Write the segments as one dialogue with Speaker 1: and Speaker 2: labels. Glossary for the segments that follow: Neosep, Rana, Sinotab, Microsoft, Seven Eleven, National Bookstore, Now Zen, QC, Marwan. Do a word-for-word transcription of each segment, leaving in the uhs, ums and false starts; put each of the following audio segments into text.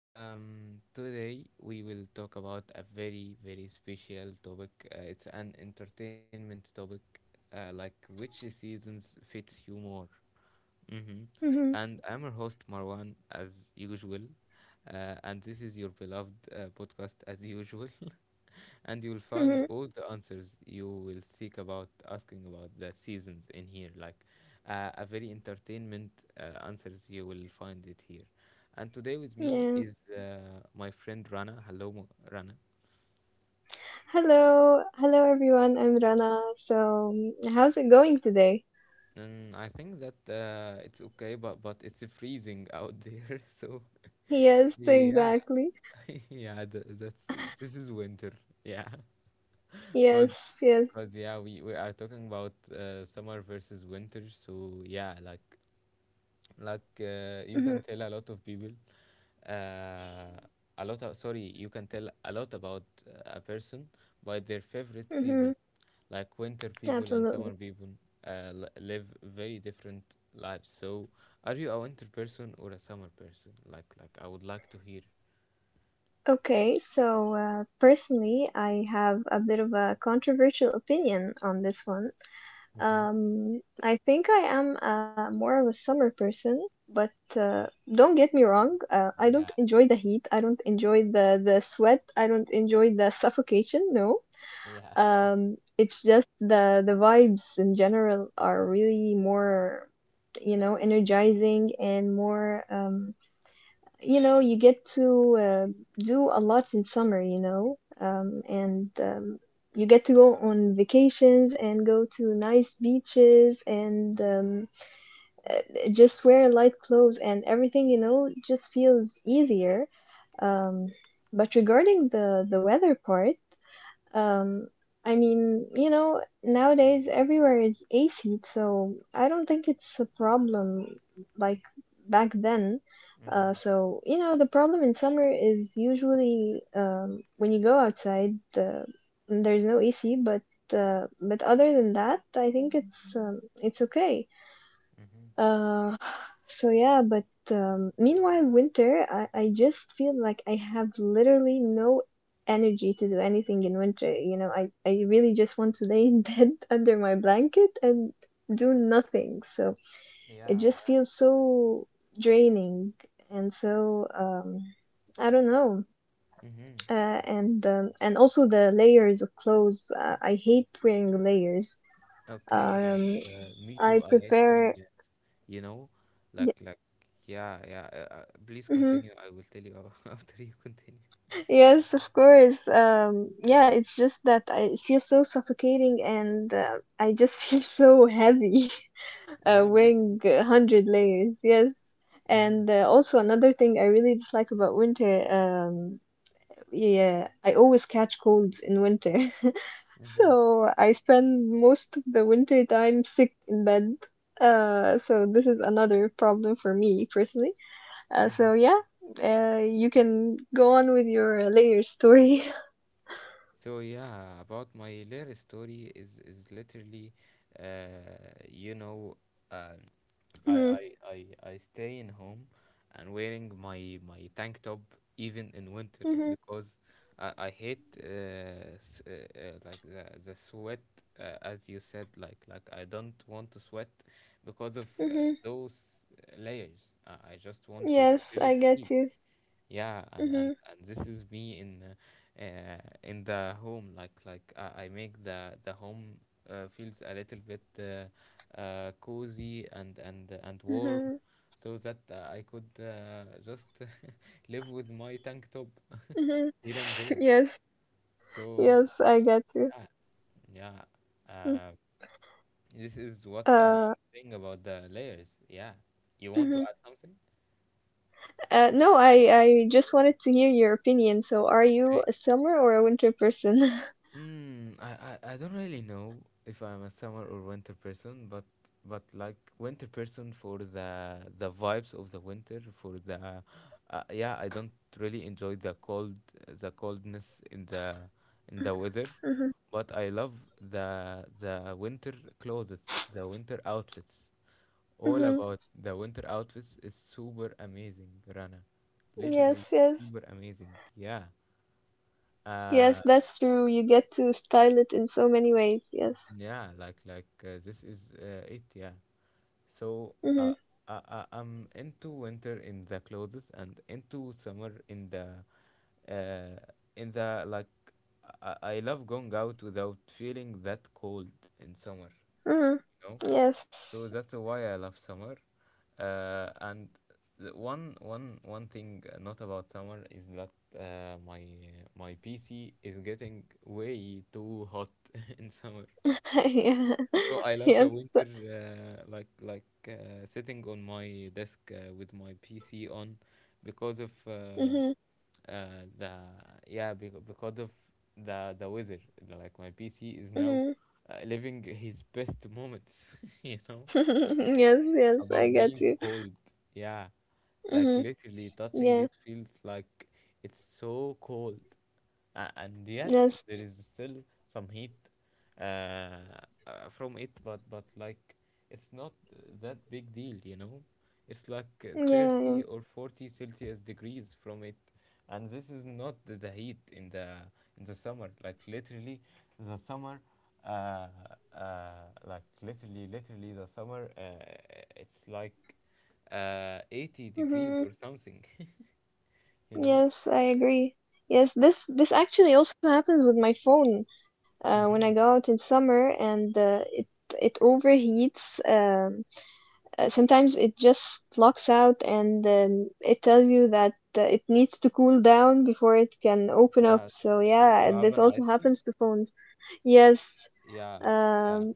Speaker 1: um, Today we will talk about a very, very special topic. Uh, it's an entertainment topic, uh, like which seasons fits you more. Mm-hmm.
Speaker 2: Mhm,
Speaker 1: And I'm your host, Marwan, as usual. Uh, and this is your beloved uh, podcast, as usual, and you'll find
Speaker 2: mhm,
Speaker 1: all the answers you will seek about asking about the seasons in here, like uh, a very entertainment uh, answers you will find it here. And today with me is
Speaker 2: Yeah.
Speaker 1: uh, my friend Rana. hello Mo- Rana,
Speaker 2: Hello, hello everyone. I'm Rana. So, um, how's it going today?
Speaker 1: and i think that uh, it's okay, but but it's freezing out there so
Speaker 2: Yes,
Speaker 1: yeah.
Speaker 2: exactly.
Speaker 1: yeah th- that's this is winter. Yeah. because
Speaker 2: Yes, yes.
Speaker 1: because yeah, we, we are talking about uh, summer versus winter, so yeah, like like uh, you
Speaker 2: hmm
Speaker 1: can tell a lot of people uh, a lot of, sorry You can tell a lot about uh, a person by their favorite
Speaker 2: hmm
Speaker 1: season, like winter people and summer
Speaker 2: Absolutely.
Speaker 1: people. Uh, li- live very different lives, so are you a winter person or a summer person? Like like i would like to hear.
Speaker 2: Okay, so uh, personally, I have a bit of a controversial opinion on this one.
Speaker 1: Mm-hmm.
Speaker 2: Um, I think I am uh, more of a summer person, but uh, don't get me wrong, uh, I don't
Speaker 1: Yeah,
Speaker 2: enjoy the heat. I don't enjoy the the sweat. I don't enjoy the suffocation. No.
Speaker 1: yeah.
Speaker 2: Um, it's just the the vibes in general are really more, you know, energizing and more. Um, you know, you get to uh, do a lot in summer. You know, um, and um, you get to go on vacations and go to nice beaches and um, uh, just wear light clothes and everything. You know, just feels easier. Um, but regarding the the weather part. Um, I mean, you know, nowadays everywhere is A C, so I don't think it's a problem like back then. Uh,
Speaker 1: Mm-hmm.
Speaker 2: so, you know, the problem in summer is usually um, when you go outside, the, there's no A C, but uh, but other than that, I think it's um, it's okay.
Speaker 1: Mm-hmm.
Speaker 2: Uh, so yeah, but um, meanwhile, winter, I, I just feel like I have literally no energy to do anything in winter. You know, I, I really just want to lay in bed under my blanket and do nothing. So it
Speaker 1: Yeah,
Speaker 2: just
Speaker 1: yeah.
Speaker 2: feels so draining and so um, I don't know.
Speaker 1: Mm-hmm.
Speaker 2: Uh, and um, and also the layers of clothes. Uh, I hate wearing layers.
Speaker 1: Okay, like
Speaker 2: Um,
Speaker 1: uh, me
Speaker 2: I
Speaker 1: too. I hate wearing
Speaker 2: prefer.
Speaker 1: uh, you know like
Speaker 2: Yeah.
Speaker 1: like yeah, yeah. Uh, uh, please
Speaker 2: Mm-hmm.
Speaker 1: continue, I will tell you after you continue.
Speaker 2: Yes, of course. Um, yeah, it's just that I it feels so suffocating and uh, I just feel so heavy uh,
Speaker 1: Yeah, me too.
Speaker 2: wearing a hundred layers. Yes.
Speaker 1: Mm-hmm.
Speaker 2: And uh, also another thing I really dislike about winter, um, yeah, I always catch colds in winter.
Speaker 1: Mm-hmm.
Speaker 2: So I spend most of the winter time sick in bed. Uh, so this is another problem for me personally. Uh,
Speaker 1: Mm-hmm.
Speaker 2: so yeah, uh, you can go on with your layers story.
Speaker 1: So yeah, about my little story, is is literally uh you know I,
Speaker 2: hmm
Speaker 1: I, I, I stay in home and wearing my, my tank top even in winter
Speaker 2: hmm
Speaker 1: because I, I hate uh, s- uh, uh, like the, the sweat, uh, as you said, like like I don't want to sweat because of uh,
Speaker 2: hmm
Speaker 1: those uh, layers. I I just want to, to
Speaker 2: Yes,
Speaker 1: feel
Speaker 2: I get
Speaker 1: free.
Speaker 2: you.
Speaker 1: Yeah, and,
Speaker 2: hmm
Speaker 1: and, and this is me in uh, uh, in the home. Like like I, I make the the home uh, feels a little bit uh, uh, cozy and and and warm,
Speaker 2: hmm
Speaker 1: so that uh, I could uh, just live with my tank top
Speaker 2: hmm
Speaker 1: here and there.
Speaker 2: Yes,
Speaker 1: So
Speaker 2: yes, I get you.
Speaker 1: yeah, yeah.
Speaker 2: Mm.
Speaker 1: Uh, this is what I'm
Speaker 2: Uh,
Speaker 1: saying about the layers. Yeah, you want to
Speaker 2: mhm.
Speaker 1: add something?
Speaker 2: Uh, no, I I just wanted to hear your opinion. So, are you a summer or a winter person?
Speaker 1: Mm, I, I, I don't really know if I'm a summer or winter person, but but like winter person for the the vibes of the winter, for the uh, yeah, I don't really enjoy the cold, the coldness in the in the weather,
Speaker 2: hmm
Speaker 1: but I love the the winter clothes, the winter outfits. All
Speaker 2: hmm
Speaker 1: about the winter outfits is super amazing, Rana, literally
Speaker 2: Yes, yes.
Speaker 1: super amazing. Yeah.
Speaker 2: Yes,
Speaker 1: Uh,
Speaker 2: that's true. You get to style it in so many ways. Yes.
Speaker 1: Yeah, like like uh, this is uh, it. Yeah. So uh,
Speaker 2: hmm
Speaker 1: I, I I'm into winter in the clothes and into summer in the uh, in the like I, I love going out without feeling that cold in summer.
Speaker 2: hmm
Speaker 1: You know.
Speaker 2: Yes.
Speaker 1: So that's why I love summer. Uh, and the one one one thing not about summer is that uh, my my P C is getting way too hot in summer.
Speaker 2: Yeah.
Speaker 1: So I love the
Speaker 2: Yes.
Speaker 1: winter, uh, like like uh, sitting on my desk uh, with my P C on, because of uh,
Speaker 2: hmm
Speaker 1: uh, the yeah bec- because of the the weather. Like my P C is now
Speaker 2: hmm
Speaker 1: uh, living his best moments, you know,
Speaker 2: Yes, yes, I
Speaker 1: about
Speaker 2: get
Speaker 1: being
Speaker 2: you.
Speaker 1: cold. Yeah, like
Speaker 2: hmm
Speaker 1: literally touching
Speaker 2: Yeah.
Speaker 1: it feels like it's so cold. Uh, and yes,
Speaker 2: Yes.
Speaker 1: there is still some heat uh, uh, from it, but but like it's not that big deal, you know. It's like uh,
Speaker 2: Yeah, yeah.
Speaker 1: thirty or forty Celsius degrees from it, and this is not the, the heat in the in the summer. Like literally, the summer, uh, uh, like literally, literally the summer, uh, it's like uh, eighty degrees
Speaker 2: hmm
Speaker 1: or something, you know.
Speaker 2: Yes, I agree. Yes, this this actually also happens with my phone. Uh, when I go
Speaker 1: Hmm.
Speaker 2: out in summer and uh, it it overheats. Um, uh, sometimes it just locks out and um, it tells you that uh, it needs to cool down before it can open up.
Speaker 1: Yeah, s-
Speaker 2: So
Speaker 1: y- you
Speaker 2: yeah,
Speaker 1: have
Speaker 2: this
Speaker 1: an
Speaker 2: also
Speaker 1: iPhone.
Speaker 2: happens to phones. Yes.
Speaker 1: Yeah, yeah.
Speaker 2: Um,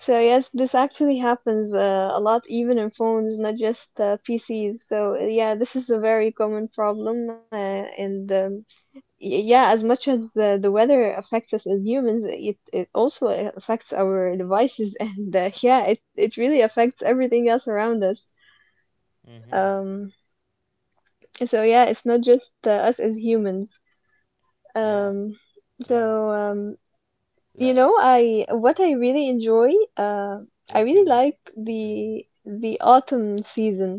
Speaker 2: So yes, this actually happens uh, a lot, even in phones, not just uh, P Cs. So yeah, this is a very common problem, uh, and um, y- yeah, as much as the the weather affects us as humans, it it also affects our devices, and uh, yeah, it it really affects everything else around us.
Speaker 1: Mm-hmm.
Speaker 2: Um, so yeah, it's not just uh, us as humans.
Speaker 1: Yeah,
Speaker 2: Um, so
Speaker 1: yeah.
Speaker 2: um, You
Speaker 1: La,
Speaker 2: know, I what I really enjoy, uh, I
Speaker 1: what you
Speaker 2: really
Speaker 1: really
Speaker 2: like
Speaker 1: really
Speaker 2: the
Speaker 1: tell me?
Speaker 2: the autumn season,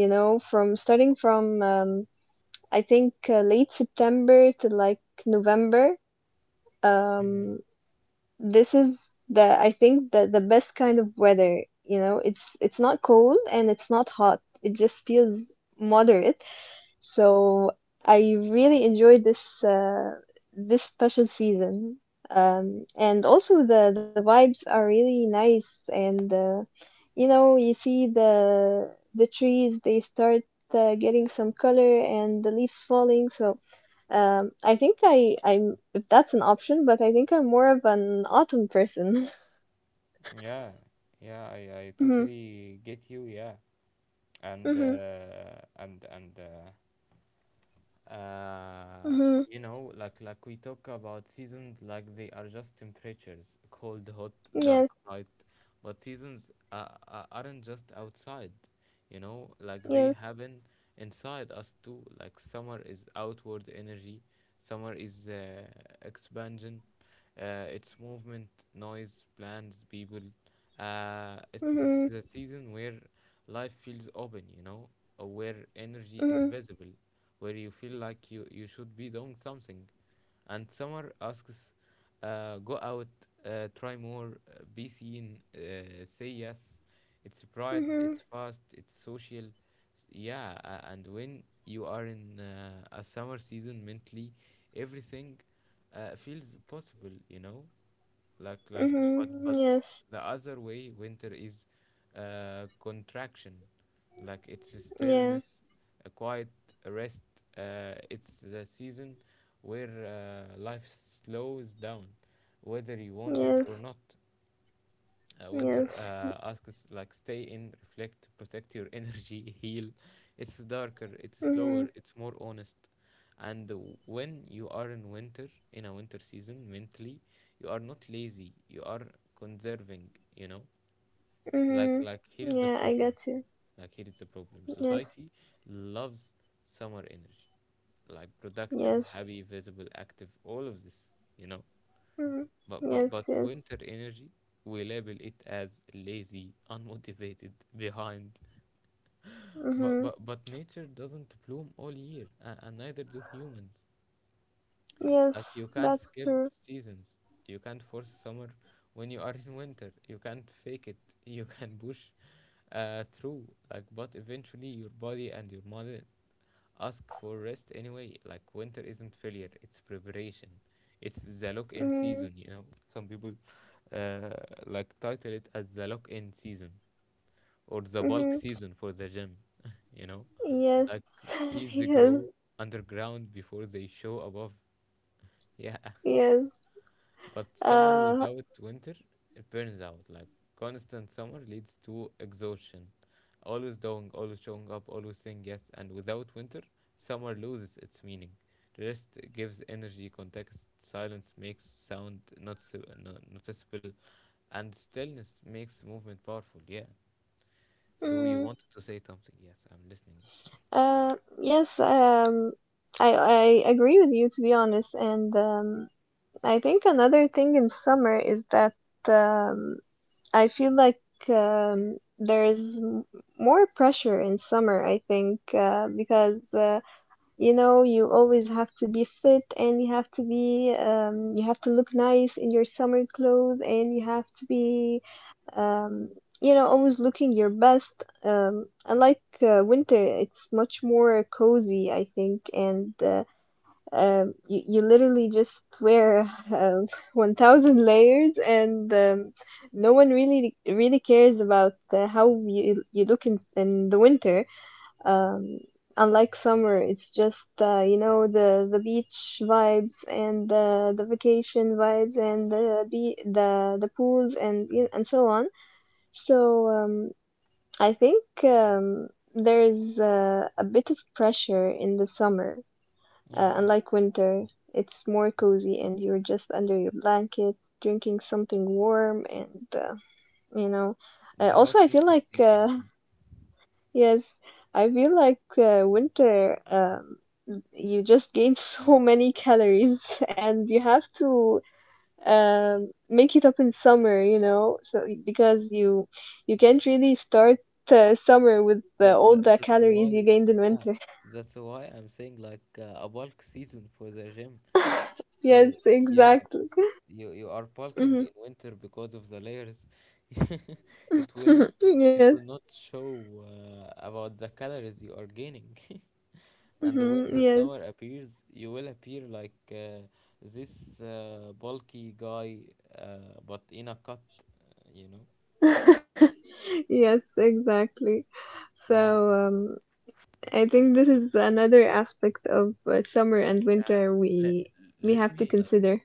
Speaker 2: you know, from starting from um, I think uh, late September to like November.
Speaker 1: Mm-hmm.
Speaker 2: Um, this is the I think the the best kind of weather, you know. It's it's not cold and it's not hot. It just feels moderate so I really enjoyed this uh, this special season, um, and also the the vibes are really nice. And uh, you know, you see the the trees they start uh, getting some color, and the leaves falling. So um, I think I I'm if that's an option, but I think I'm more of an autumn person.
Speaker 1: Yeah, yeah. I, I
Speaker 2: mhm,
Speaker 1: totally get you. Yeah, and
Speaker 2: mhm,
Speaker 1: uh, and and uh, uh,
Speaker 2: mhm.
Speaker 1: you know, like like we talk about seasons like they are just temperatures, cold, hot, dark,
Speaker 2: Yes,
Speaker 1: light, but seasons uh, uh, aren't just outside, you know, like they
Speaker 2: yes.
Speaker 1: happen inside us too. Like summer is outward energy, summer is uh, expansion, uh, it's movement, noise, plans, people, uh, it's it's
Speaker 2: Mhm,
Speaker 1: the season where life feels open, you know, uh, where energy is
Speaker 2: mhm,
Speaker 1: visible, where you feel like you, you should be doing something. And summer asks, uh, go out, uh, try more, uh, be seen, uh, say yes. It's bright, it's
Speaker 2: mhm,
Speaker 1: fast, it's social. Yeah, uh, and when you are in uh, a summer season mentally, everything uh, feels possible, you know? like like but but
Speaker 2: mhm. Yes,
Speaker 1: the other way, winter is uh, contraction, like it's a
Speaker 2: yeah,
Speaker 1: stillness, a quiet, rest, uh, it's the season where uh, life slows down whether you want it or
Speaker 2: yes.
Speaker 1: not. uh, Winter
Speaker 2: Yes.
Speaker 1: uh, asks like, stay in, reflect, protect your energy, heal. It's darker, it's slower,
Speaker 2: Mhm.
Speaker 1: it's more honest. And w- when you are in winter, in a winter season, mentally, you are not lazy. You are conserving. You know, like
Speaker 2: Mhm.
Speaker 1: like here is the
Speaker 2: Yeah, I
Speaker 1: problem.
Speaker 2: got you.
Speaker 1: Like here is the problem.
Speaker 2: Yes.
Speaker 1: Society loves summer energy, like productive,
Speaker 2: Yes.
Speaker 1: happy, visible, active. All of this. You know.
Speaker 2: Mhm.
Speaker 1: But but but
Speaker 2: Yes. Yes.
Speaker 1: winter energy, we label it as lazy, unmotivated, behind. But
Speaker 2: Mhm.
Speaker 1: but but nature doesn't bloom all year, and, and neither do humans. Like you
Speaker 2: Yes,
Speaker 1: can't
Speaker 2: that's
Speaker 1: skip
Speaker 2: true.
Speaker 1: seasons. You can't force summer when you are in winter. You can't fake it. You can push uh, through. Like but eventually your body and your mind ask for rest anyway. Like winter isn't failure, it's preparation. It's the lock in
Speaker 2: Mhm.
Speaker 1: season, you know. Some people uh, like title it as the lock in season or the bulk
Speaker 2: Mhm.
Speaker 1: season for the gym, you know.
Speaker 2: Yes.
Speaker 1: Like seeds
Speaker 2: yes.
Speaker 1: grow underground before they show above. Yeah,
Speaker 2: Yes.
Speaker 1: but summer
Speaker 2: Uh.
Speaker 1: without winter, it burns out. Like constant summer leads to exhaustion. Always doing, always showing up, always saying yes. And without winter, summer loses its meaning. Rest gives energy context. Silence makes sound not so, uh, no, noticeable, and stillness makes movement powerful. Yeah. So you
Speaker 2: Mm,
Speaker 1: wanted to say something? Yes, I'm listening.
Speaker 2: uh. Yes. Um. I I agree with you to be honest, and um. I think another thing in summer is that um I feel like um, there's m- more pressure in summer, I think, uh, because uh, you know you always have to be fit and you have to be um, you have to look nice in your summer clothes and you have to be um, you know always looking your best. Um, unlike uh, winter, it's much more cozy, I think, and uh, um, you, you literally just wear um, one thousand layers and um, no one really really cares about uh, how you, you look in, in the winter um, unlike summer it's just uh, you know the, the beach vibes and uh, the vacation vibes and the be- the the pools and you know, and so on so um, I think um, there's uh, a bit of pressure in the summer uh,
Speaker 1: Mm-hmm.
Speaker 2: unlike winter, it's more cozy and you're just under your blanket drinking something warm and uh, you know. Uh,
Speaker 1: The hot
Speaker 2: also, I feel
Speaker 1: chocolate
Speaker 2: like uh,
Speaker 1: season.
Speaker 2: yes, I feel like uh, winter um, you just gain so many calories and you have to um, make it up in summer, you know. So because you you can't really start uh, summer with uh,
Speaker 1: That,
Speaker 2: all
Speaker 1: that
Speaker 2: the
Speaker 1: that's
Speaker 2: calories
Speaker 1: why,
Speaker 2: you gained in
Speaker 1: yeah,
Speaker 2: winter.
Speaker 1: that's why I'm saying like uh, a bulk season for the gym. So
Speaker 2: Yes,
Speaker 1: yeah,
Speaker 2: exactly.
Speaker 1: you you are bulking
Speaker 2: hmm
Speaker 1: in winter because of the layers. It will it
Speaker 2: yes.
Speaker 1: will not show uh, about the calories you are gaining. And when
Speaker 2: Mm-hmm,
Speaker 1: the summer
Speaker 2: yes.
Speaker 1: appears, you will appear like uh, this uh, bulky guy, uh, but in a cut, uh, you know?
Speaker 2: Yes, exactly.
Speaker 1: Yeah.
Speaker 2: So, um, I think this is another aspect of uh, summer and
Speaker 1: Yeah.
Speaker 2: winter
Speaker 1: Let,
Speaker 2: we we
Speaker 1: let
Speaker 2: have to
Speaker 1: me like
Speaker 2: consider.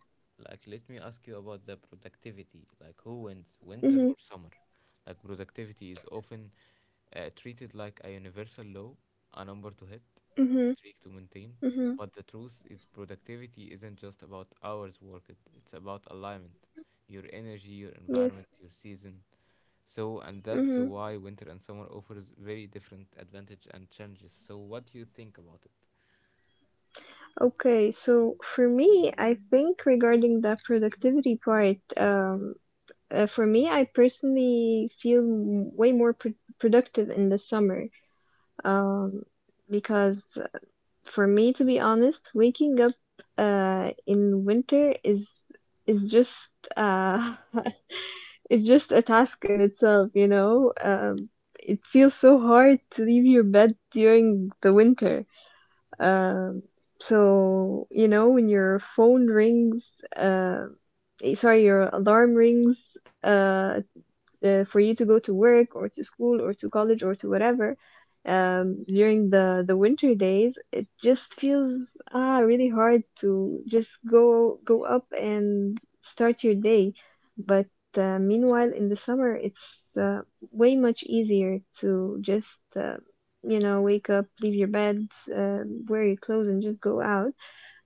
Speaker 1: like let me ask you about the productivity. Like who wins, winter
Speaker 2: Mm-hmm,
Speaker 1: or summer? Like productivity is often uh, treated like a universal law, a number to hit,
Speaker 2: mm-hmm,
Speaker 1: a streak to maintain.
Speaker 2: mm-hmm.
Speaker 1: But the truth is, productivity isn't just about hours worked. It's about alignment, your energy, your environment,
Speaker 2: Yes.
Speaker 1: your season. So, and that's
Speaker 2: Mm-hmm.
Speaker 1: why winter and summer offers very different advantage and challenges. So, what do you think about it?
Speaker 2: Okay, so for me, I think regarding the productivity part, um, uh, for me, I personally feel m- way more pr productive in the summer, um, because for me, to be honest, waking up uh, in winter is is just uh, it's just a task in itself, you know. Um, it feels so hard to leave your bed during the winter. Um, so you know when your phone rings, uh, eh, sorry, your alarm rings uh, uh, for you to go to work or to school or to college or to whatever um, during the the winter days it just feels ah really hard to just go go up and start your day but uh, meanwhile in the summer it's uh, way much easier to just uh, you know wake up leave your bed uh, wear your clothes and just go out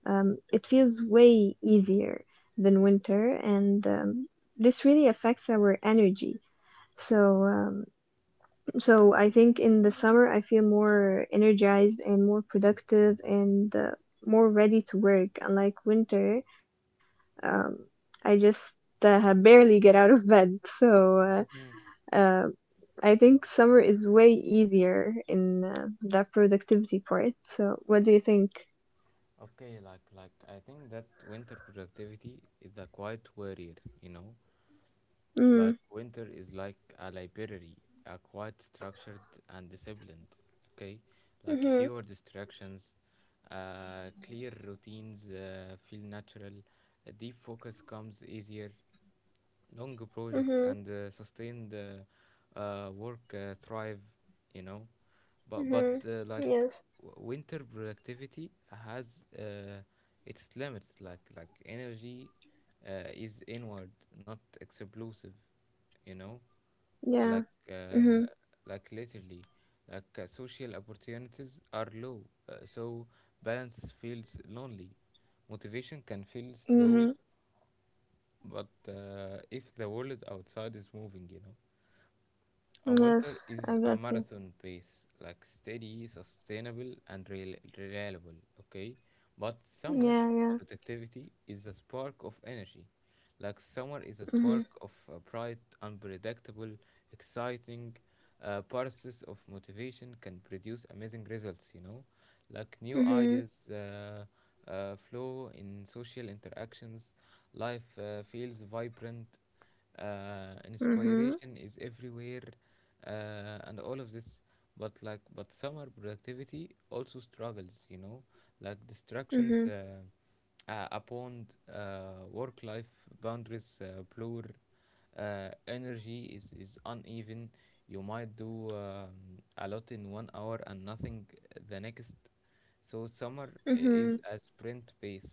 Speaker 2: um, it feels way easier than winter and um, this really affects our energy so, um, so I think in the summer I feel more energized and more productive and uh, more ready to work. Unlike winter, um, I just uh, have barely get out of bed. So, uh, uh, I think summer is way easier in uh, that productivity part. So, what do you think?
Speaker 1: Okay, like like I think that winter productivity is a quiet warrior, you know?
Speaker 2: Mm,
Speaker 1: Like winter is like a library, a quiet, structured and disciplined, okay? Like
Speaker 2: Mhm.
Speaker 1: fewer distractions, uh, clear routines uh, feel natural, a deep focus comes easier, long projects
Speaker 2: Mhm.
Speaker 1: and uh, sustained uh, uh, work uh, thrive, you know? but but
Speaker 2: Mhm.
Speaker 1: uh, like
Speaker 2: Yes.
Speaker 1: w- winter productivity has uh, its limits, like like energy uh, is inward, not explosive, you know,
Speaker 2: Yeah.
Speaker 1: like uh,
Speaker 2: Mhm.
Speaker 1: like literally, like uh, social opportunities are low, uh, so balance feels lonely, motivation can feel
Speaker 2: Mhm.
Speaker 1: slow. But uh, if the world outside is moving, you know, a winter
Speaker 2: Yes, I
Speaker 1: is a
Speaker 2: get you.
Speaker 1: marathon pace, like steady, sustainable, and rel- reliable, okay? But summer
Speaker 2: Yeah, yeah.
Speaker 1: productivity is a spark of energy. Like summer is a
Speaker 2: Mhm.
Speaker 1: spark of a bright, unpredictable, exciting uh, process of motivation, can produce amazing results, you know? Like new
Speaker 2: Mhm.
Speaker 1: ideas uh, uh, flow in social interactions, life uh, feels vibrant, uh,
Speaker 2: Mm-hmm.
Speaker 1: inspiration is everywhere, uh, and all of this. But like, but summer productivity also struggles, you know, like distractions
Speaker 2: Mm-hmm.
Speaker 1: uh, uh, upon uh, work life boundaries uh, blur, uh, energy is, is uneven, you might do um, a lot in one hour and nothing the next. So summer i- is
Speaker 2: Mm-hmm.
Speaker 1: a sprint pace,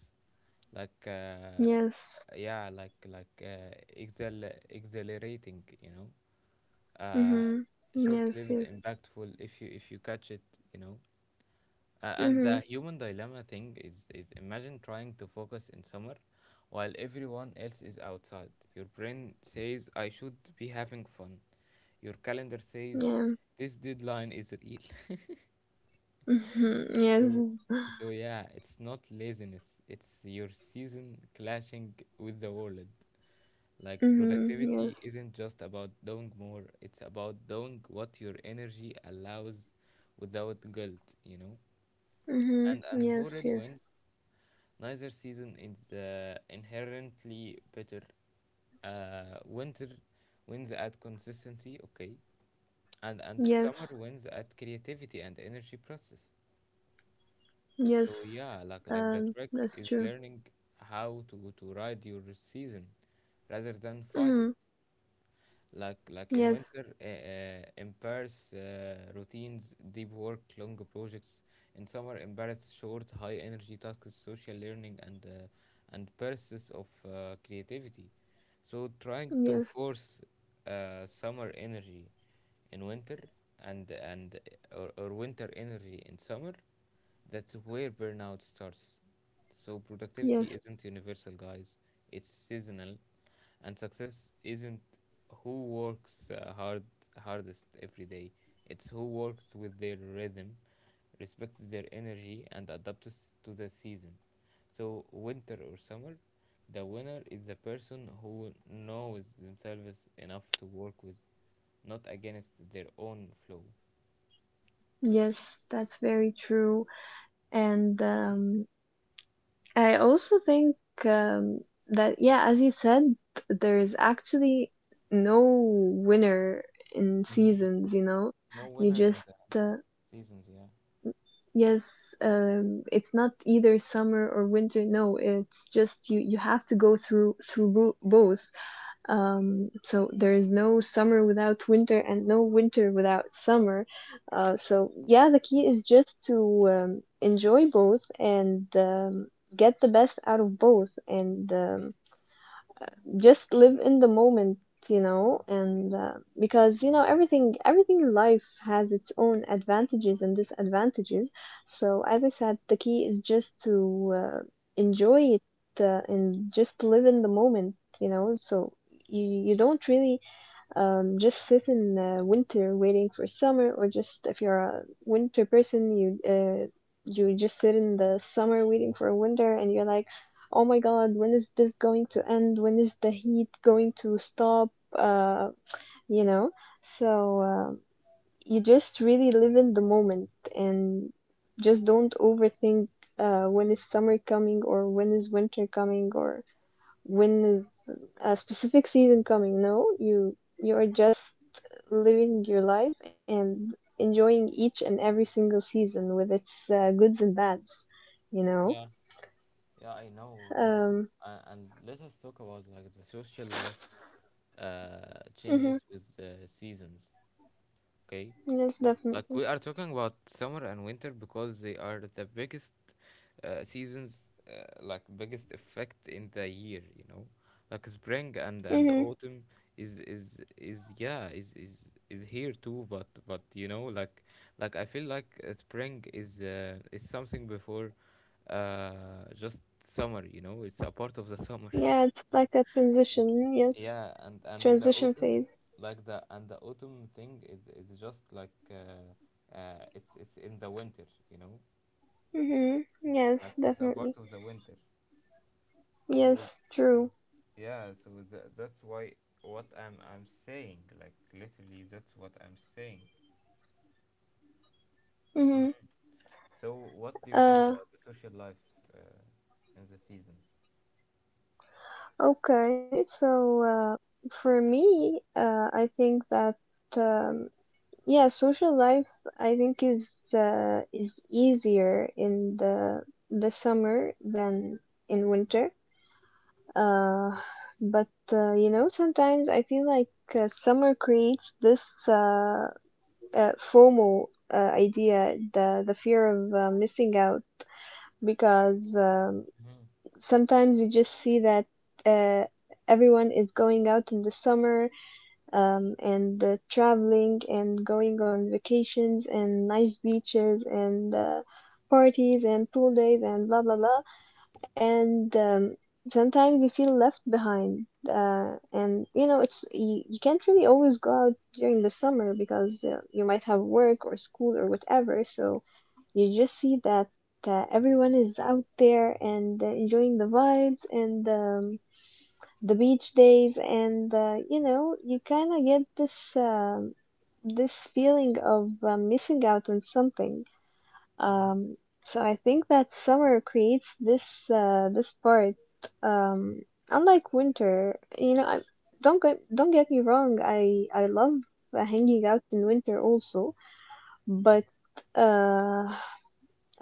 Speaker 1: like uh,
Speaker 2: Yes.
Speaker 1: yeah, like like uh, excel exhilarating, you know, uh,
Speaker 2: Mm-hmm. Yes,
Speaker 1: short-lived,
Speaker 2: yes.
Speaker 1: impactful if you if you catch it, you know, uh, and
Speaker 2: Mm-hmm.
Speaker 1: the human dilemma thing is, is imagine trying to focus in summer while everyone else is outside. Your brain says, I should be having fun. Your calendar says,
Speaker 2: Yeah.
Speaker 1: this deadline is real.
Speaker 2: Mm-hmm.
Speaker 1: So,
Speaker 2: Yes.
Speaker 1: so yeah, it's not laziness. It's your season clashing with the world. Like
Speaker 2: Mm-hmm.
Speaker 1: productivity
Speaker 2: Yes.
Speaker 1: isn't just about doing more, it's about doing what your energy allows without guilt, you know?
Speaker 2: Mm-hmm.
Speaker 1: And and who
Speaker 2: Yes,
Speaker 1: really wins?
Speaker 2: yes.
Speaker 1: Neither season is uh, inherently better. Uh, winter wins at consistency, okay, and and summer
Speaker 2: Yes.
Speaker 1: wins at creativity and energy process. So
Speaker 2: Yes.
Speaker 1: yeah, like like the
Speaker 2: Um,
Speaker 1: trick
Speaker 2: that's
Speaker 1: is
Speaker 2: true.
Speaker 1: learning how to to ride your season rather than fight it.
Speaker 2: Mm-hmm.
Speaker 1: Like like in
Speaker 2: Yes.
Speaker 1: winter, uh, uh, embarrass uh, routines, deep work, long projects. In summer, embarrass short, high energy tasks, social learning, and uh, and bursts of uh, creativity. So trying to
Speaker 2: Yes.
Speaker 1: force uh, summer energy in winter and and eh, or, or winter energy in summer. That's where burnout starts. So, productivity
Speaker 2: Yes.
Speaker 1: isn't universal, guys, it's seasonal, and success isn't who works uh, hard hardest every day. It's who works with their rhythm, respects their energy, and adapts to the season. So, winter or summer, the winner is the person who knows themselves enough to work with, not against their own flow.
Speaker 2: Yes, that's very true. And um I also think um, that, yeah, as you said, there is actually no winner in
Speaker 1: Hmm.
Speaker 2: seasons, you know?
Speaker 1: No
Speaker 2: You
Speaker 1: winner in
Speaker 2: just,
Speaker 1: the
Speaker 2: uh,
Speaker 1: seasons, yeah.
Speaker 2: yes, um, it's not either summer or winter. No, it's just you, you have to go through through bo both. Um, so there is no summer without winter and no winter without summer. Uh, so yeah, the key is just to um, enjoy both and um, get the best out of both. And um, just live in the moment you know and uh, because you know everything everything in life has its own advantages and disadvantages so as I said the key is just to uh, enjoy it uh, and just live in the moment you know so you, you don't really um, just sit in uh, winter waiting for summer, or just if you're a winter person, you uh, you just sit in the summer waiting for winter, and you're like, oh my god, when is this going to end? When is the heat going to stop? Uh, you know, so uh, you just really live in the moment and just don't overthink uh, when is summer coming or when is winter coming or when is a specific season coming no you you are just living your life and enjoying each and every single season with its uh, goods and bads you know
Speaker 1: Yeah. Yeah, I know, but
Speaker 2: um
Speaker 1: uh, and let us talk about, like, the social life uh
Speaker 2: mhm,
Speaker 1: changes with the seasons, okay?
Speaker 2: yes
Speaker 1: Like,
Speaker 2: definitely
Speaker 1: we are talking about summer and winter because they are the biggest uh, seasons, uh, like, biggest effect in the year. You know, like spring and
Speaker 2: hmm
Speaker 1: and autumn is is is yeah is is is here too. But but you know, like like I feel like uh, spring is, uh, is something before uh just summer. You know, it's a part of the summer.
Speaker 2: yeah it's like a transition yes
Speaker 1: Yeah, and and the
Speaker 2: transition
Speaker 1: autumn,
Speaker 2: phase
Speaker 1: like the and the autumn thing is is just like, uh, uh, it's it's in the winter, you know,
Speaker 2: hmm yes
Speaker 1: like it's a part
Speaker 2: definitely
Speaker 1: of the winter. So
Speaker 2: yes true
Speaker 1: yeah, so tha that's why what I'm I'm saying, like, literally, that's what I'm saying.
Speaker 2: hmm
Speaker 1: Mhm. So what do you think
Speaker 2: uh
Speaker 1: about the social life uh, in the seasons?
Speaker 2: okay so uh for me uh I think that um yeah, social life I think is uh, is easier in the the summer than in winter. Uh, but uh, you know, sometimes I feel like uh, summer creates this uh, uh, FOMO uh, idea, the the fear of uh, missing out, because um,
Speaker 1: Hmm.
Speaker 2: sometimes you just see that uh, everyone is going out in the summer, um, and uh, traveling and going on vacations and nice beaches and uh, parties and pool days and blah blah blah and um, sometimes you feel left behind, uh, and you know it's you, you can't really always go out during the summer because uh, you might have work or school or whatever, so you just see that uh, everyone is out there and uh, enjoying the vibes and um, the beach days and uh, you know you kind of get this um this feeling of uh, missing out on something.
Speaker 1: Hmm.
Speaker 2: Um, so i think that summer creates this uh, this part. Um, unlike winter, you know I, don't get don't get me wrong, i i love uh, hanging out in winter also, but uh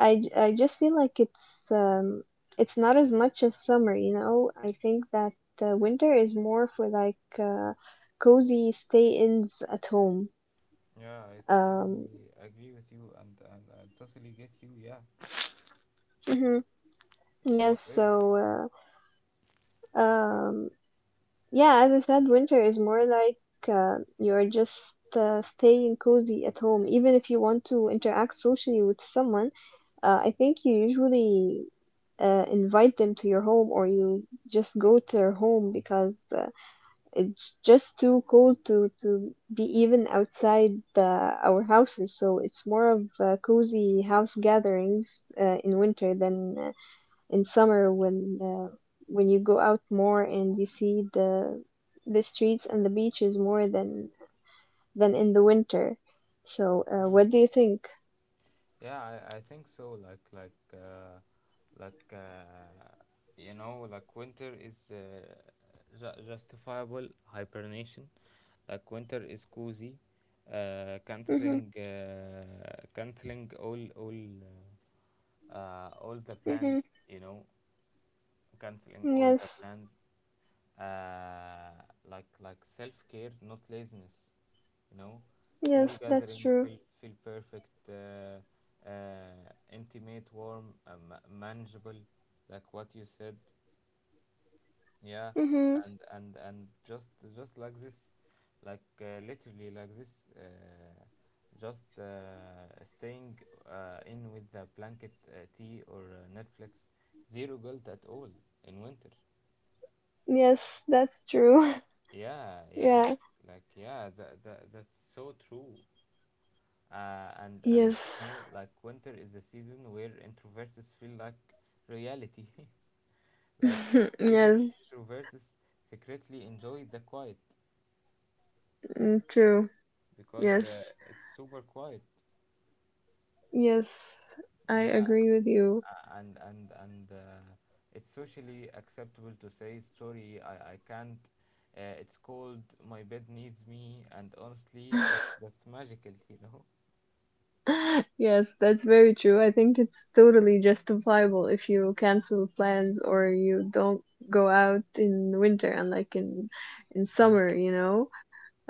Speaker 2: I, j- I just feel like it's um it's not as much as summer, you know. I think that uh, winter is more for like uh, cozy stay-ins at home.
Speaker 1: Yeah, I
Speaker 2: Um,
Speaker 1: totally agree with you, and and I totally get you. Yeah,
Speaker 2: mhm. Yes,
Speaker 1: what else?
Speaker 2: so uh, um, yeah, as I said, winter is more like uh, you're just uh, staying cozy at home. Even if you want to interact socially with someone, uh, I think you usually uh, invite them to your home, or you just go to their home because uh, it's just too cold to to be even outside uh, our houses, so it's more of uh, cozy house gatherings uh, in winter than uh, in summer, when uh, when you go out more and you see the the streets and the beaches more than than in the winter. So, uh, what do you think?
Speaker 1: Yeah, I, I think so. Like like uh, like uh, you know, like winter is uh, ju- justifiable hibernation. Like, winter is cozy, uh,
Speaker 2: Mm-hmm,
Speaker 1: canceling uh, canceling all all uh, uh, all the plans,
Speaker 2: mm-hmm.
Speaker 1: you know, canceling all the
Speaker 2: Yes,
Speaker 1: plans, uh, like like self care, not laziness, you know. Small
Speaker 2: yes, that's
Speaker 1: gathering
Speaker 2: true.
Speaker 1: feel feel perfect, uh, uh, intimate, warm, um, manageable, like what you said. Yeah,
Speaker 2: Mm-hmm.
Speaker 1: and and and just just like this, like uh, literally like this, uh, just, uh, staying uh, in with the blanket, uh, tea or uh, Netflix, zero guilt at all in winter.
Speaker 2: Yes, that's true.
Speaker 1: Yeah, yeah, like,
Speaker 2: Yeah.
Speaker 1: like yeah, that, that that's so true. Uh, and and you
Speaker 2: Yes.
Speaker 1: know, like winter is a season where introverts feel like reality. Like, even
Speaker 2: yes.
Speaker 1: extroverts secretly enjoy the quiet.
Speaker 2: Mm, true.
Speaker 1: Because uh,
Speaker 2: Yes.
Speaker 1: it's super quiet.
Speaker 2: Yes, I
Speaker 1: Yeah,
Speaker 2: agree with you.
Speaker 1: a- and and and uh, it's socially acceptable to say sorry. I I can't. Uh, it's cold. My bed needs me. And honestly, that that's magical. You know.
Speaker 2: Yes, that's very true. I think it's totally justifiable if you cancel plans or you don't go out in winter, and like in in
Speaker 1: Hmm.
Speaker 2: summer, you know.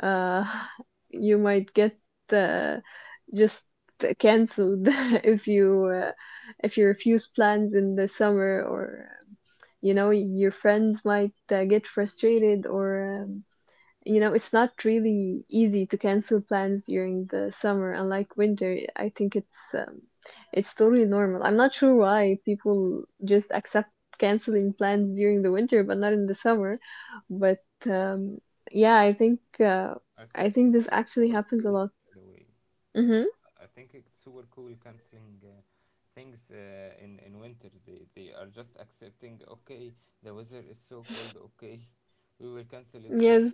Speaker 2: Uh, you might get uh, just canceled if you uh, if you refuse plans in the summer, or you know your friends might uh, get frustrated or um, you know, it's not really easy to cancel plans during the summer, unlike winter. I think it's um, it's totally normal. I'm not sure why people just accept canceling plans during the winter but not in the summer. But um, yeah, I think uh,
Speaker 1: I
Speaker 2: I
Speaker 1: think
Speaker 2: think
Speaker 1: it-
Speaker 2: this
Speaker 1: it's
Speaker 2: actually
Speaker 1: super
Speaker 2: happens a
Speaker 1: cool.
Speaker 2: lot.
Speaker 1: By the way, yeah,
Speaker 2: Mm-hmm.
Speaker 1: I think it's super cool canceling. Uh, things, uh, in in winter, they, they are just accepting, okay? The weather is so cold, okay, we will cancel it for.
Speaker 2: Yes,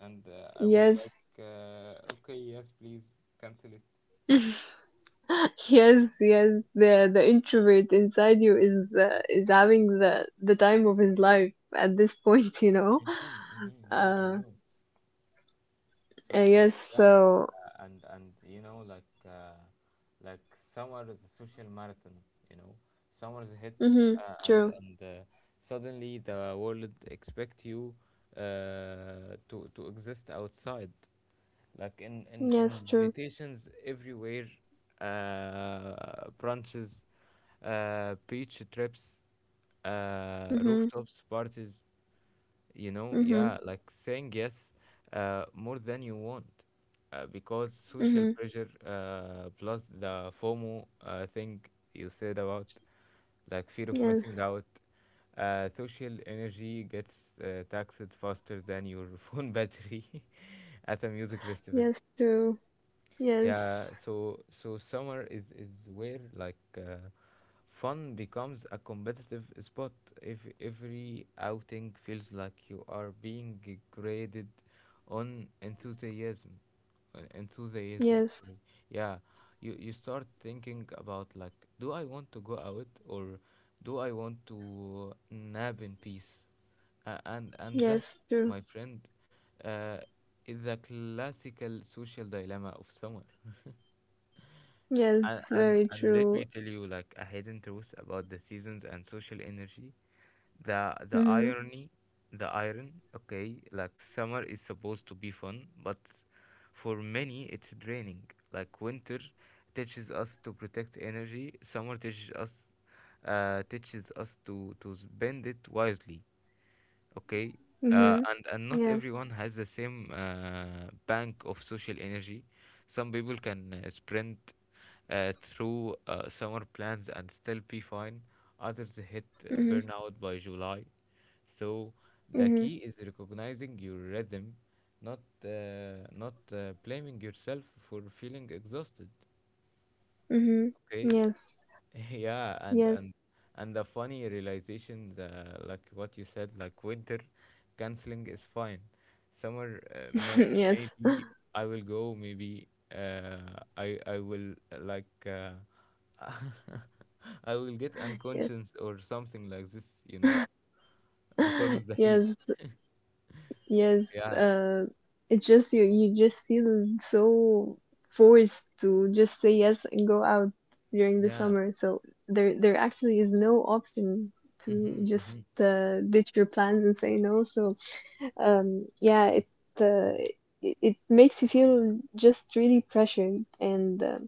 Speaker 1: And uh, I was like,
Speaker 2: yes.
Speaker 1: uh, okay, yes, please cancel it.
Speaker 2: Yes, yes, the the introvert inside you is uh, is having the the time of his life at this point, you know.
Speaker 1: Hmm. Hmm. Yeah, I know.
Speaker 2: I
Speaker 1: So
Speaker 2: guess
Speaker 1: yeah,
Speaker 2: so.
Speaker 1: uh, and and you know, like, uh, like, summer is a social marathon, you know. Summer hits,
Speaker 2: Mhm.
Speaker 1: uh, and
Speaker 2: True.
Speaker 1: and uh, suddenly the world expect you, uh, to to exist outside, like, in in
Speaker 2: Yes, true.
Speaker 1: invitations everywhere, uh, brunches, uh, beach trips, uh,
Speaker 2: Mhm.
Speaker 1: rooftops parties, you know.
Speaker 2: Mhm.
Speaker 1: Yeah, like, saying yes uh, more than you want, uh, because social
Speaker 2: Mhm.
Speaker 1: pressure uh, plus the FOMO uh, thing you said about, like, fear of missing
Speaker 2: Yes.
Speaker 1: out. Uh, social energy gets uh, taxed faster than your phone battery at a music festival.
Speaker 2: Yes, true.
Speaker 1: Yeah,
Speaker 2: Yes.
Speaker 1: so so summer is is where, like, uh, fun becomes a competitive spot. If every outing feels like you are being g- graded on enthusiasm, uh, enthusiasm. Sorry.
Speaker 2: Yes.
Speaker 1: Yeah, you you start thinking about, like, do I want to go out or do I want to nap in peace? A- and and that,
Speaker 2: Yes, true.
Speaker 1: my friend, uh, is the classical social dilemma of summer. And,
Speaker 2: Yes,
Speaker 1: and
Speaker 2: very
Speaker 1: and let me
Speaker 2: true.
Speaker 1: tell you, like, a hidden truth about the seasons and social energy. The the
Speaker 2: Mhm.
Speaker 1: irony, the iron. Okay, like summer is supposed to be fun, but for many it's draining. Like, winter teaches us to protect energy. Summer teaches us uh, teaches us to to spend it wisely, okay. uh,
Speaker 2: Mhm.
Speaker 1: and and not
Speaker 2: Yeah.
Speaker 1: everyone has the same uh, bank of social energy. Some people can uh, sprint uh, through uh, summer plans and still be fine. Others hit uh,
Speaker 2: Mhm.
Speaker 1: burnout by july. So the
Speaker 2: Mhm.
Speaker 1: key is recognizing your rhythm, not uh, not uh, blaming yourself for feeling exhausted,
Speaker 2: Mhm.
Speaker 1: okay.
Speaker 2: Yes.
Speaker 1: Yeah, and
Speaker 2: Yes.
Speaker 1: and and the funny realization, uh, like what you said. Like, winter canceling is fine. Summer, uh, may
Speaker 2: yes.
Speaker 1: maybe I will go, maybe, uh, I I will uh, like uh, I will get
Speaker 2: Yes.
Speaker 1: unconscious or something like this, you know, because of the heat.
Speaker 2: yes. Yes,
Speaker 1: Yeah,
Speaker 2: uh, it just you, you just feel so forced to just say yes and go out during the
Speaker 1: yeah.
Speaker 2: summer. So there, there actually is no option to
Speaker 1: Mm-hmm,
Speaker 2: just
Speaker 1: mm-hmm.
Speaker 2: uh, ditch your plans and say no. So um, yeah, it, uh, it it makes you feel just really pressured and uh,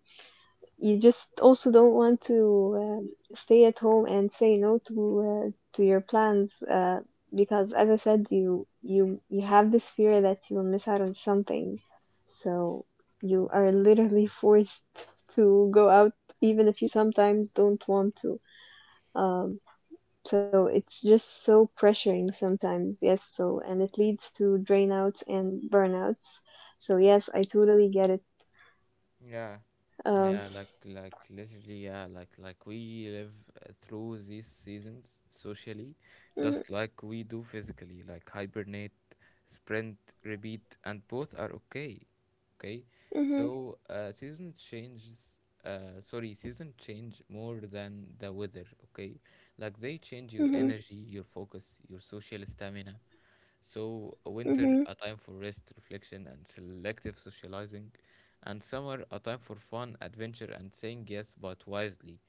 Speaker 2: you just also don't want to uh, stay at home and say no to uh, to your plans uh, because, as I said, you you you have this fear that you will miss out on something, so you are literally forced to go out even if you sometimes don't want to. Um, so it's just so pressuring sometimes, yes, so, and it leads to drain outs and burnouts, so yes, I totally get it.
Speaker 1: Yeah.
Speaker 2: Um,
Speaker 1: Yeah, like like literally, yeah, like like we live uh, through these seasons socially,
Speaker 2: mhm,
Speaker 1: just like we do physically, like hibernate, sprint, repeat, and both are okay, okay.
Speaker 2: mhm,
Speaker 1: So uh, season changes uh, sorry season change more than the weather, okay. Like, they change your
Speaker 2: mhm,
Speaker 1: energy, your focus, your social stamina. So winter,
Speaker 2: mhm,
Speaker 1: a time for rest, reflection, and selective socializing, and summer, a time for fun, adventure, and saying yes but wisely.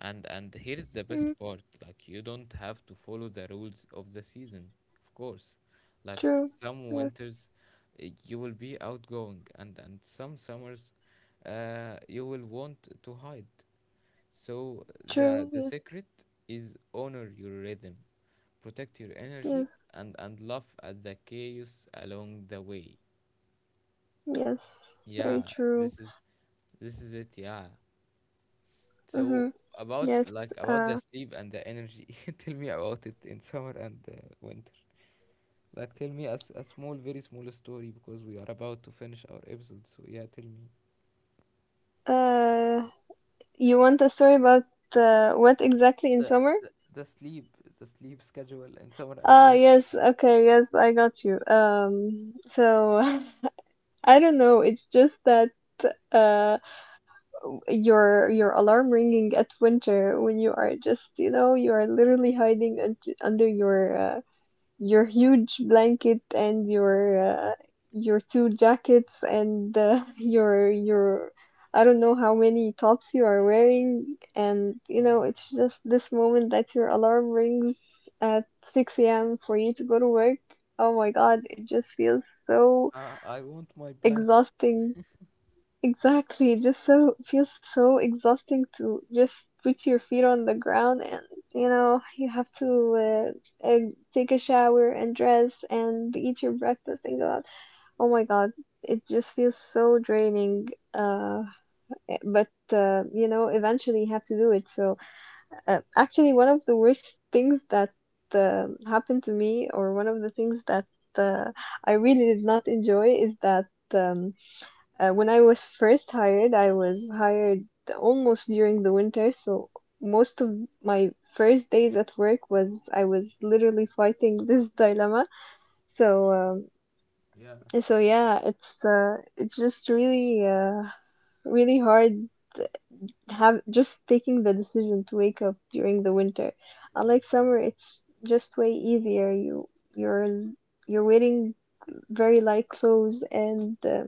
Speaker 1: And and here's the best
Speaker 2: mhm.
Speaker 1: part, like, you don't have to follow the rules of the season. Of course, like,
Speaker 2: True.
Speaker 1: some
Speaker 2: Yes.
Speaker 1: winters uh, you will be outgoing, and and some summers uh, you will want to hide. So
Speaker 2: True.
Speaker 1: the the
Speaker 2: Yes.
Speaker 1: secret is honor your rhythm, protect your energy,
Speaker 2: Yes.
Speaker 1: and and laugh at the chaos along the way.
Speaker 2: Yes. Very
Speaker 1: Yeah, this
Speaker 2: true.
Speaker 1: is this is it, yeah. So
Speaker 2: Mm-hmm.
Speaker 1: about,
Speaker 2: Yes.
Speaker 1: like, about the
Speaker 2: Uh.
Speaker 1: sleep and the energy. Tell me about it in summer and, uh, winter. Like, tell me a, s- a small, very small story, because we are about to finish our episode. So yeah, tell me
Speaker 2: Uh. You want a story about uh, what exactly in summer?
Speaker 1: the sleep, the sleep schedule in summer and
Speaker 2: Ah,
Speaker 1: winter.
Speaker 2: yes. Okay. Yes. I got you. Um. So I don't know. It's just that uh your your alarm ringing at winter, when you are just, you know, you are literally hiding un- under your uh, your huge blanket and your uh, your two jackets and uh, your your I don't know how many tops you are wearing, and you know
Speaker 1: Mhm.
Speaker 2: it's just this moment that your alarm rings at six a m for you to go to work. Oh my God, it just feels so
Speaker 1: Uh, I want my blanket.
Speaker 2: exhausting. Exactly. Just so feels so exhausting to just put your feet on the ground and you know you have to uh, uh, take a shower and dress and eat your breakfast and go out. Oh my God, it just feels so draining. Uh, eh, but uh, you know, eventually you have to do it. So uh, actually, one of the worst things that uh, happened to me, or one of the things that uh, I really did not enjoy, is that. Um, uh, when I was first hired, I was hired almost during the winter, so most of my first days at work was I was literally fighting this dilemma. So um,
Speaker 1: Yeah,
Speaker 2: so yeah, it's uh, it's just really uh, really hard have just taking the decision to wake up during the winter. Unlike summer, it's just way easier. You you're you're wearing very light clothes and uh,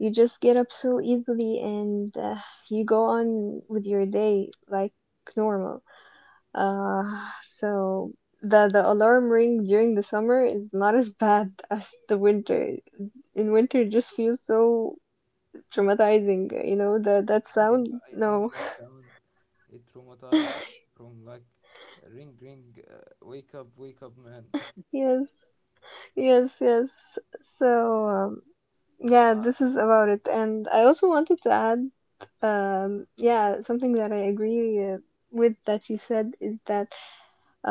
Speaker 2: you just get up so easily and uh, you go on with your day like normal. Uh, so the the alarm ring during the summer is not as bad as the winter. In winter, it just feels so traumatizing. You know that that
Speaker 1: yeah, yeah,
Speaker 2: sound.
Speaker 1: I know
Speaker 2: No.
Speaker 1: that sound. It traumatized us from, like, ring, ring, uh, wake up, wake up, man.
Speaker 2: Yes, yes, yes. So, um, yeah,
Speaker 1: Uh,
Speaker 2: this is about it. And I also wanted to add, um, yeah, something that I agree uh, with, that you said, is that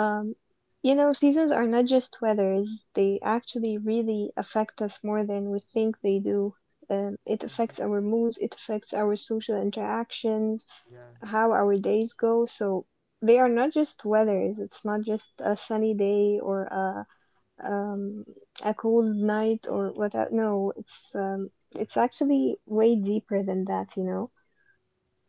Speaker 2: um, you know, seasons are not just weathers, they actually really affect us more than we think they do. Um, it affects
Speaker 1: mhm.
Speaker 2: our moods, it affects our social interactions,
Speaker 1: Yeah,
Speaker 2: how our days go. So they are not just weathers, it's not just a sunny day or a, um, a cold night or whatever. No, it's, um, it's actually way deeper than that, you know?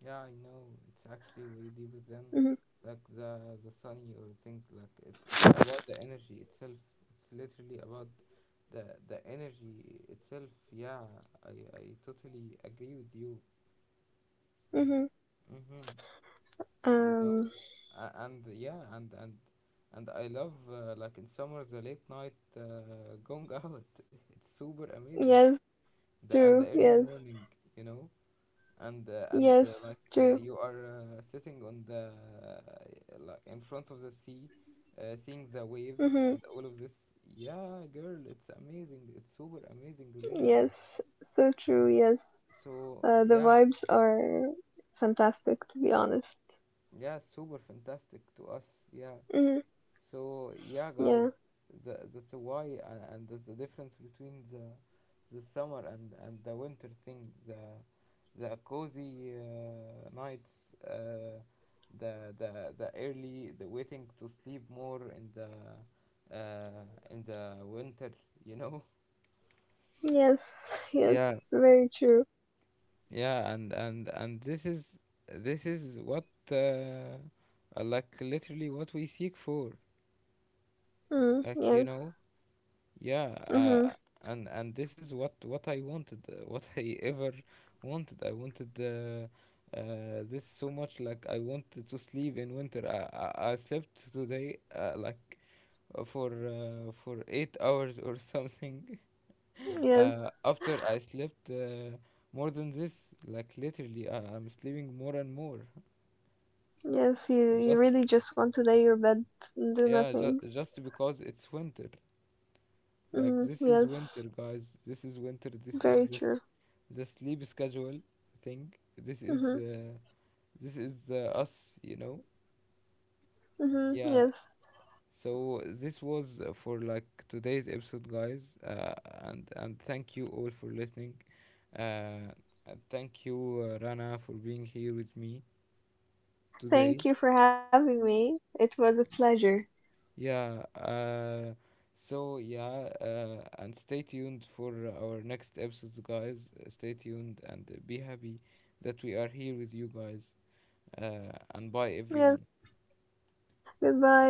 Speaker 1: yeah, I know. It's actually way deeper than,
Speaker 2: Hmm.
Speaker 1: like, the the sunny or things, like it's it's about the energy itself. It's literally about the the energy itself. Yeah, I I totally agree with you.
Speaker 2: Hmm.
Speaker 1: Mm-hmm. You know,
Speaker 2: Um,
Speaker 1: uh, and, yeah, and and and I love, uh, like, in summer, the late night uh, going out. It's super amazing.
Speaker 2: yes,
Speaker 1: The, and the
Speaker 2: true,
Speaker 1: early
Speaker 2: yes,
Speaker 1: morning, you know. and uh, and uh,
Speaker 2: yes,
Speaker 1: like uh,
Speaker 2: true.
Speaker 1: you are uh, sitting on the, uh, like, in front of the sea, uh, seeing the waves
Speaker 2: Hmm.
Speaker 1: and all of this. Yeah, girl, it's amazing, it's super amazing, really.
Speaker 2: Yes, so true. Yes,
Speaker 1: So
Speaker 2: uh, the
Speaker 1: yeah,
Speaker 2: vibes are fantastic, to be honest.
Speaker 1: yeah, super fantastic to us, yeah.
Speaker 2: Hmm.
Speaker 1: So yeah, guys,
Speaker 2: Yeah.
Speaker 1: tha that's why, uh, and that's the difference between the the summer and and the winter thing. The the cozy uh, nights, uh, the the the early the waiting to sleep more in the, uh, in the winter. You know.
Speaker 2: Yes.
Speaker 1: Yeah,
Speaker 2: Yes. Very true.
Speaker 1: yeah, and and and this is this is what, uh, uh, like, literally what we seek for.
Speaker 2: Mm,
Speaker 1: Like, you know.
Speaker 2: yes.
Speaker 1: Yeah,
Speaker 2: Hmm.
Speaker 1: uh, and and this is what what I wanted, uh, what I ever wanted. I wanted, uh, uh, this so much. Like, I wanted to sleep in winter. I I, I slept today, uh, like uh, for uh, for eight hours or something. Uh,
Speaker 2: Yes.
Speaker 1: after I slept uh, more than this, like, literally, I, I'm sleeping more and more.
Speaker 2: Yes. You you
Speaker 1: Just
Speaker 2: really just want to lay your bed and do
Speaker 1: yeah, ju-
Speaker 2: nothing.
Speaker 1: just because it's winter. Like,
Speaker 2: Hmm.
Speaker 1: this is winter,
Speaker 2: Yes.
Speaker 1: guys. This is winter. This is
Speaker 2: Very
Speaker 1: this
Speaker 2: true.
Speaker 1: the sleep schedule thing. This is
Speaker 2: Hmm.
Speaker 1: uh, this is uh, us, you know.
Speaker 2: Hmm.
Speaker 1: Yeah.
Speaker 2: Yes.
Speaker 1: So this was, uh, for, like, today's episode, guys. Uh, and and thank you all for listening. Uh, and thank you, uh, Rana, for being here with me
Speaker 2: Thank
Speaker 1: today.
Speaker 2: you for having me. It was a pleasure.
Speaker 1: Yeah. Uh, so yeah, uh, and stay tuned for our next episodes, guys. Uh, Stay tuned and be happy that we are here with you guys. Uh, and bye,
Speaker 2: Yes.
Speaker 1: everyone.
Speaker 2: Goodbye.